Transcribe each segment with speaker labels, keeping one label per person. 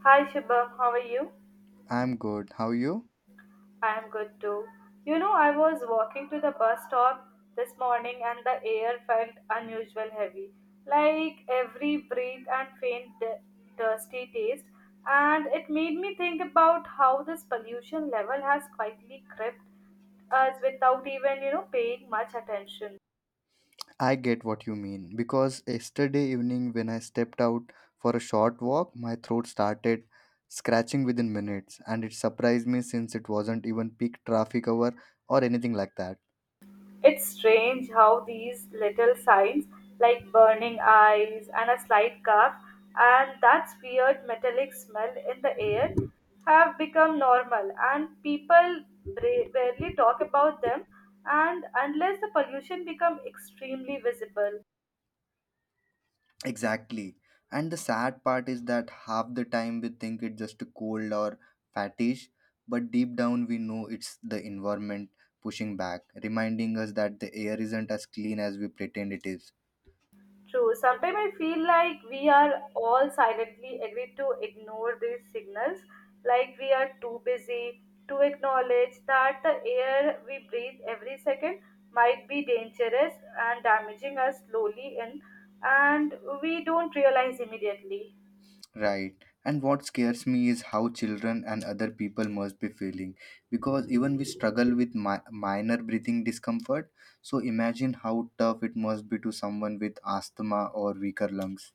Speaker 1: Hi Shubham, how are you?
Speaker 2: I'm good. How you?
Speaker 1: I am good too. You know, I was walking to the bus stop this morning and the air felt unusual heavy. Like every breath and faint dusty taste and it made me think about how this pollution level has quietly crept us without even, paying much attention.
Speaker 2: I get what you mean, because yesterday evening when I stepped out for a short walk, my throat started scratching within minutes, and it surprised me since it wasn't even peak traffic hour or anything like that.
Speaker 1: It's strange how these little signs, like burning eyes and a slight cough, and that weird metallic smell in the air, have become normal, and people barely talk about them. And unless the pollution become extremely visible,
Speaker 2: Exactly. And the sad part is that half the time we think it's just a cold or fatigue, but deep down we know it's the environment pushing back, reminding us that the air isn't as clean as we pretend it is.
Speaker 1: true. Sometimes I feel like we are all silently agreed to ignore these signals, like we are too busy to acknowledge that the air we breathe every second might be dangerous and damaging us slowly, and we don't realize immediately.
Speaker 2: Right. And what scares me is how children and other people must be feeling, because even we struggle with minor breathing discomfort. So imagine how tough it must be to someone with asthma or weaker lungs.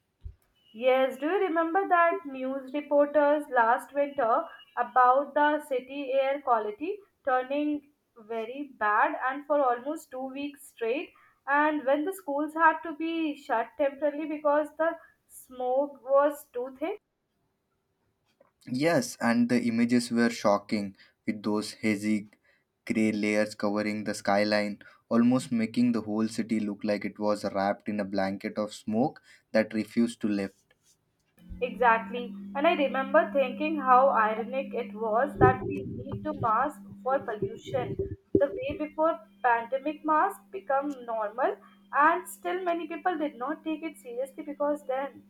Speaker 1: Yes, do you remember that news reporters last winter about the city air quality turning very bad and for almost 2 weeks straight? And when the schools had to be shut temporarily because the smoke was too thick?
Speaker 2: Yes, and the images were shocking, with those hazy gray layers covering the skyline, almost making the whole city look like it was wrapped in a blanket of smoke that refused to lift.
Speaker 1: Exactly. And I remember thinking how ironic it was that we need to mask for pollution. The way before pandemic masks become normal and still many people did not take it seriously because then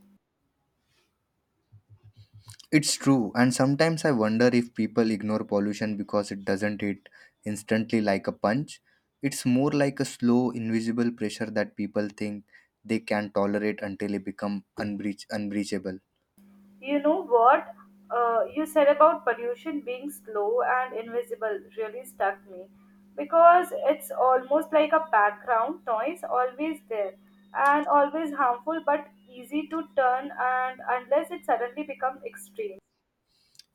Speaker 2: It's true, and sometimes I wonder if people ignore pollution because it doesn't hit instantly like a punch. It's more like a slow, invisible pressure that people think they can tolerate until it becomes unbreachable.
Speaker 1: you know what? You said about pollution being slow and invisible really stuck me because it's almost like a background noise, always there and always harmful but easy to turn, and unless it suddenly becomes extreme.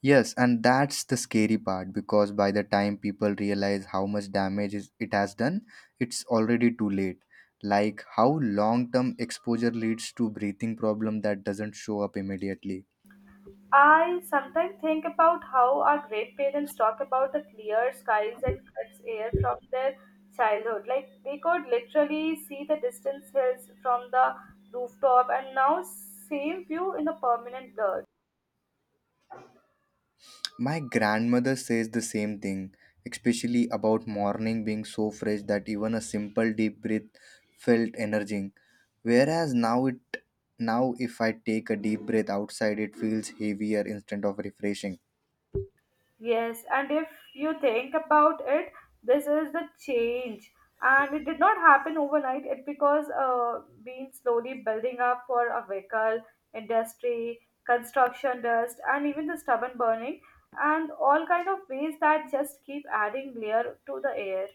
Speaker 2: Yes, and that's the scary part, because by the time people realize how much damage it has done, it's already too late. Like how long term exposure leads to breathing problem that doesn't show up immediately.
Speaker 1: I sometimes think about how our great parents talk about the clear skies and cuts air from their childhood. Like they could literally see the distant hills from the rooftop and now same view in the permanent blur.
Speaker 2: My grandmother says the same thing, especially about morning being so fresh that even a simple deep breath felt energizing. Whereas now it now if I take a deep breath outside, it feels heavier instead of refreshing.
Speaker 1: Yes, and if you think about it, this is the change, and it did not happen overnight. It because been slowly building up for a vehicle industry, construction dust, and even the stubborn burning, and all kind of ways that just keep adding layer to the air.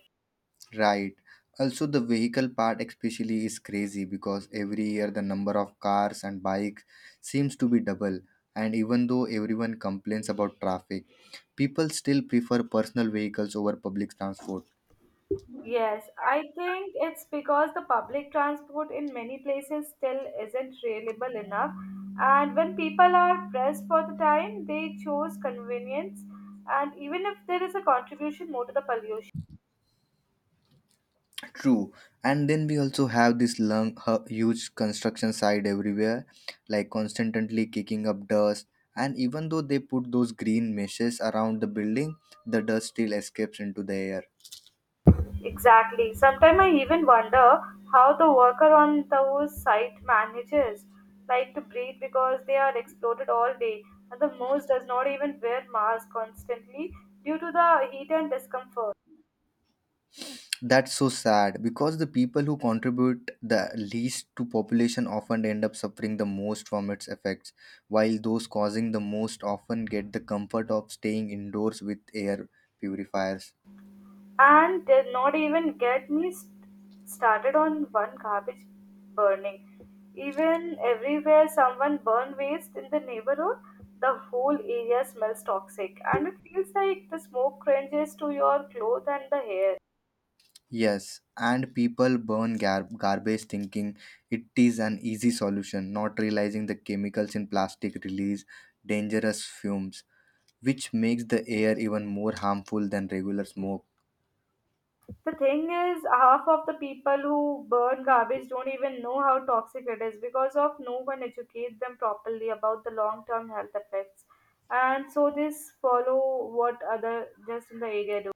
Speaker 2: Right. Also, the vehicle part especially is crazy, because every year the number of cars and bikes seems to be double, and even though everyone complains about traffic, people still prefer personal vehicles over public transport.
Speaker 1: Yes, I think it's because the public transport in many places still isn't reliable enough. And when people are pressed for the time, they choose convenience. And even if there is a contribution more to the pollution.
Speaker 2: True, and then we also have this huge construction site everywhere, like constantly kicking up dust. And even though they put those green meshes around the building, the dust still escapes into the air.
Speaker 1: Exactly. Sometimes I even wonder how the worker on those site manages like to breathe because they are exploded all day. And the most does not even wear mask constantly due to the heat and discomfort.
Speaker 2: That's so sad, because the people who contribute the least to population often end up suffering the most from its effects, while those causing the most often get the comfort of staying indoors with air purifiers.
Speaker 1: And did not even get me started on one garbage burning. Even everywhere someone burn waste in the neighborhood, the whole area smells toxic and it feels like the smoke cringes to your clothes and the hair.
Speaker 2: Yes, and people burn garbage thinking it is an easy solution, not realizing the chemicals in plastic release dangerous fumes, which makes the air even more harmful than regular smoke.
Speaker 1: The thing is, half of the people who burn garbage don't even know how toxic it is because of no one educates them properly about the long term health effects. And so they follow what other just in the area do.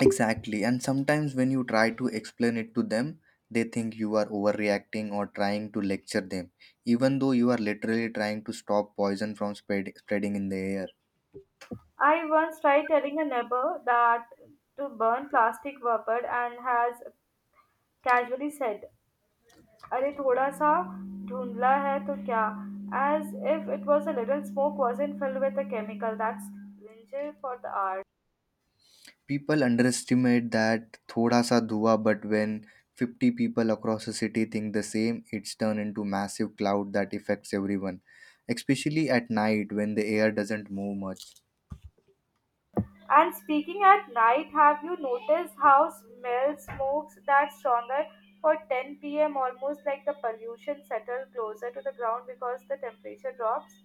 Speaker 2: Exactly, and sometimes when you try to explain it to them, they think you are overreacting or trying to lecture them, even though you are literally trying to stop poison from spreading in the air.
Speaker 1: I once tried telling a neighbor that to burn plastic vapor and has casually said, अरे थोड़ा सा धुंधला है तो क्या? As if it was a little smoke wasn't filled with a chemical that's danger for the art.
Speaker 2: People underestimate that thoda sa dhua, but when 50 people across a city think the same, it's turned into massive cloud that affects everyone, especially at night when the air doesn't move much.
Speaker 1: And speaking at night, have you noticed how smell smokes that stronger for 10 p.m. almost like the pollution settled closer to the ground because the temperature drops?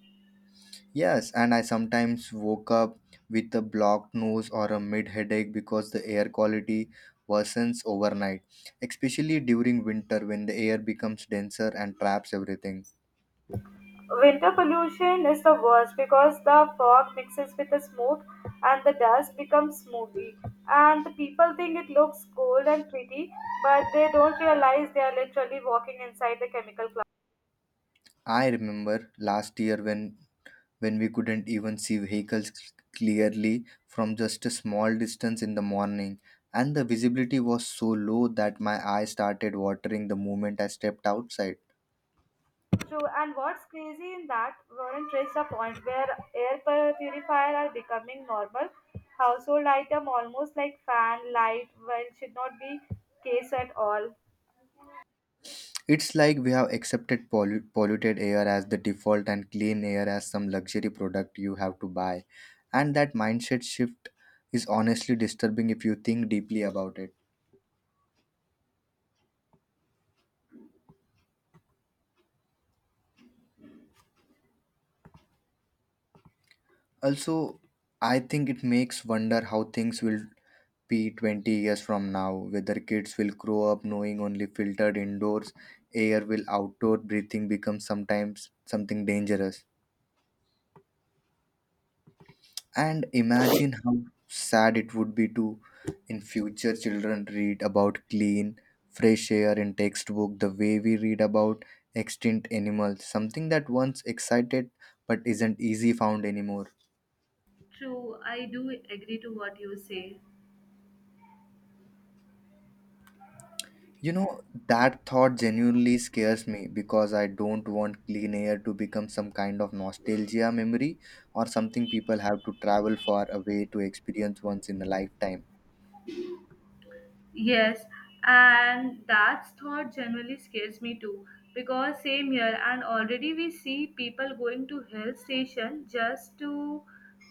Speaker 2: Yes, and I sometimes woke up with a blocked nose or a mid headache because the air quality worsens overnight, especially during winter when the air becomes denser and traps everything.
Speaker 1: Winter pollution is the worst because the fog mixes with the smoke and the dust becomes smoky. And the people think it looks cool and pretty, but they don't realize they are literally walking inside the chemical cloud.
Speaker 2: I remember last year when we couldn't even see vehicles clearly from just a small distance in the morning. And the visibility was so low that my eyes started watering the moment I stepped outside.
Speaker 1: True, and what's crazy in that, Warren reached a point where air purifiers are becoming normal household item almost like fan, light, well should not be case at all.
Speaker 2: It's like we have accepted polluted air as the default and clean air as some luxury product you have to buy. And that mindset shift is honestly disturbing if you think deeply about it. Also, I think it makes wonder how things will be 20 years from now, whether kids will grow up knowing only filtered indoors air, will outdoor breathing become sometimes something dangerous. And imagine how sad it would be to in future children read about clean, fresh air in textbook the way we read about extinct animals, something that once excited but isn't easy found anymore.
Speaker 1: True, I do agree to what you say.
Speaker 2: You know, that thought genuinely scares me because I don't want clean air to become some kind of nostalgia memory or something people have to travel far away to experience once in a lifetime.
Speaker 1: Yes, and that thought generally scares me too because same here and already we see people going to hill station just to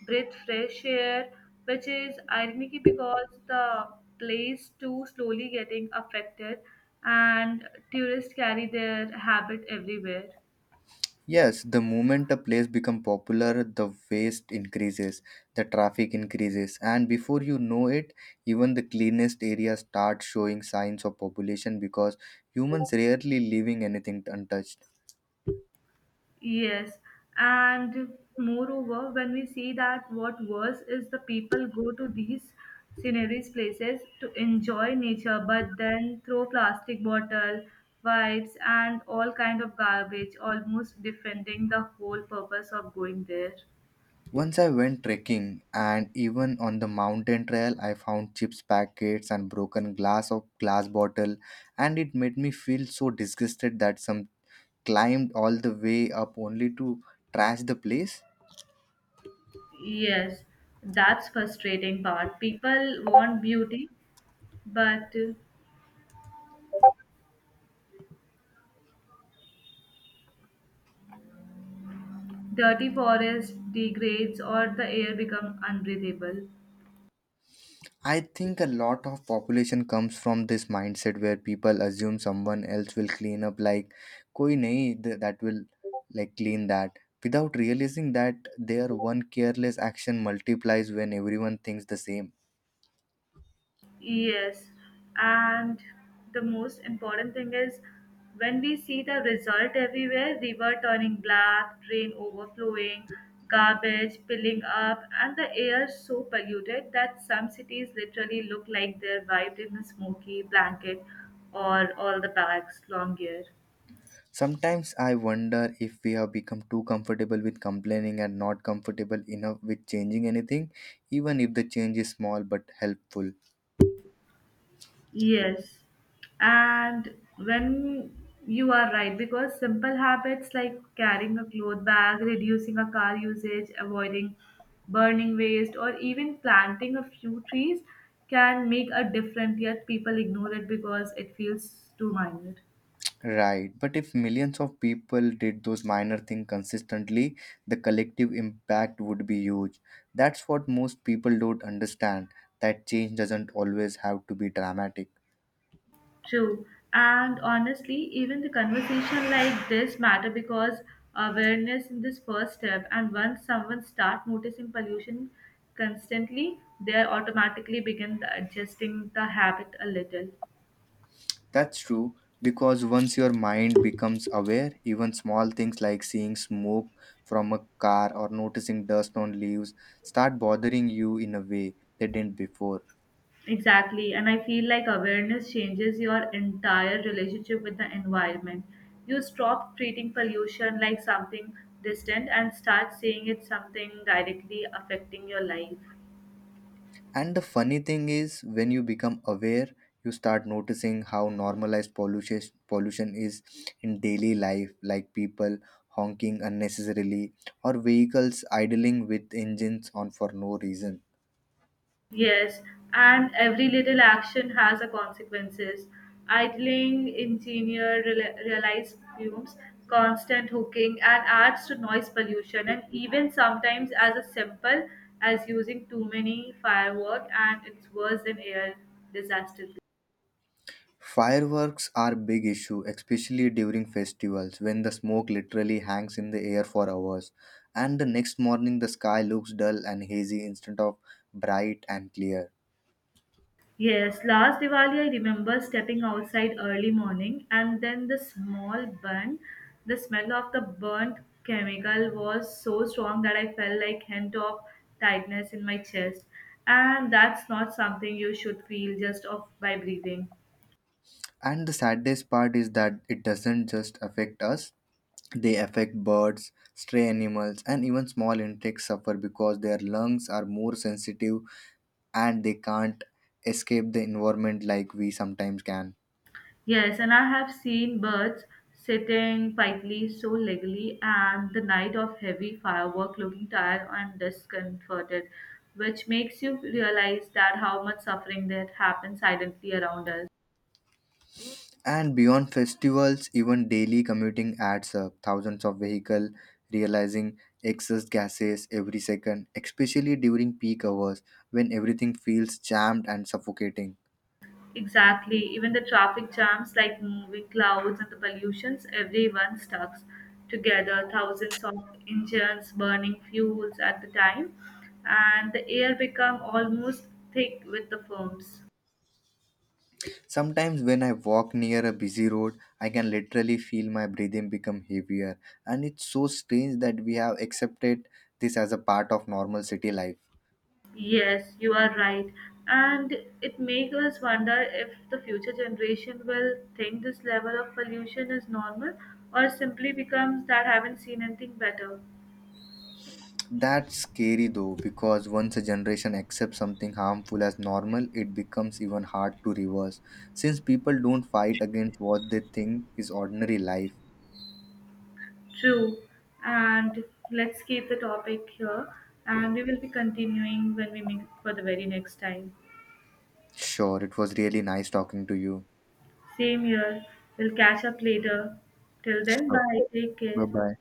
Speaker 1: breathe fresh air which is ironic because the place too slowly getting affected and tourists carry their habit everywhere.
Speaker 2: Yes, the moment a place becomes popular, the waste increases, the traffic increases, and before you know it, even the cleanest areas start showing signs of population because humans rarely leaving anything untouched.
Speaker 1: Yes, and moreover, when we see that what worse is the people go to these sceneries places to enjoy nature, but then throw plastic bottle, wipes, and all kind of garbage, almost defending the whole purpose of going there.
Speaker 2: Once I went trekking, and even on the mountain trail, I found chips packets and broken glass of glass bottle, and it made me feel so disgusted that some climbed all the way up only to trash the place.
Speaker 1: Yes, that's frustrating part. People want beauty, but dirty forest degrades or the air become unbreathable.
Speaker 2: I think a lot of population comes from this mindset where people assume someone else will clean up, like koi nahi that will like clean that, without realizing that their one careless action multiplies when everyone thinks the same.
Speaker 1: Yes, and the most important thing is when we see the result everywhere river turning black, drain overflowing, garbage piling up, and the air so polluted that some cities literally look like they're wiped in a smoky blanket or all the bags long year.
Speaker 2: Sometimes I wonder if we have become too comfortable with complaining and not comfortable enough with changing anything, even if the change is small but helpful.
Speaker 1: Yes, and when you are right, because simple habits like carrying a cloth bag, reducing a car usage, avoiding burning waste, or even planting a few trees can make a difference, yet people ignore it because it feels too minor.
Speaker 2: Right, but if millions of people did those minor things consistently, the collective impact would be huge. That's what most people don't understand, that change doesn't always have to be dramatic.
Speaker 1: True. And honestly, even the conversation like this matter because awareness in this first step. And once someone start noticing pollution constantly, they are automatically begin adjusting the habit a little.
Speaker 2: That's true, because once your mind becomes aware, even small things like seeing smoke from a car or noticing dust on leaves start bothering you in a way they didn't before.
Speaker 1: Exactly. And I feel like awareness changes your entire relationship with the environment. You stop treating pollution like something distant and start seeing it something directly affecting your life.
Speaker 2: And the funny thing is, when you become aware, you start noticing how normalized pollution is in daily life, like people honking unnecessarily or vehicles idling with engines on for no reason.
Speaker 1: Yes, and every little action has a consequences. Idling, engineer realized fumes, constant hooking, and adds to noise pollution. And even sometimes as a simple as using too many firework, and it's worse than air disaster.
Speaker 2: Fireworks are big issue, especially during festivals when the smoke literally hangs in the air for hours. And the next morning the sky looks dull and hazy instead of bright and clear.
Speaker 1: Yes, last Diwali I remember stepping outside early morning and then the small burn, the smell of the burnt chemical was so strong that I felt like hint of tightness in my chest. And that's not something you should feel just off by breathing.
Speaker 2: And the saddest part is that it doesn't just affect us, they affect birds, stray animals, and even small insects suffer because their lungs are more sensitive and they can't escape the environment like we sometimes can.
Speaker 1: Yes, and I have seen birds sitting quietly, so legally, and the night of heavy firework looking tired and discomforted, which makes you realize that how much suffering that happens silently around us.
Speaker 2: And beyond festivals, even daily commuting adds up. Thousands of vehicles realizing excess gases every second, especially during peak hours when everything feels jammed and suffocating.
Speaker 1: Exactly, even the traffic jams, like moving clouds and the pollutions, everyone stuck together, thousands of engines burning fuels at the time, and the air become almost thick with the fumes.
Speaker 2: Sometimes, when I walk near a busy road, I can literally feel my breathing become heavier. And it's so strange that we have accepted this as a part of normal city life.
Speaker 1: Yes, you are right. And it makes us wonder if the future generation will think this level of pollution is normal or simply becomes that haven't seen anything better.
Speaker 2: That's scary though, because once a generation accepts something harmful as normal, it becomes even hard to reverse, since people don't fight against what they think is ordinary life.
Speaker 1: True. And let's keep the topic here and we will be continuing when we meet for the very next time.
Speaker 2: Sure, it was really nice talking to you.
Speaker 1: Same here. We'll catch up later. Till then,
Speaker 2: Sure.
Speaker 1: bye. Take
Speaker 2: Bye
Speaker 1: care.
Speaker 2: bye.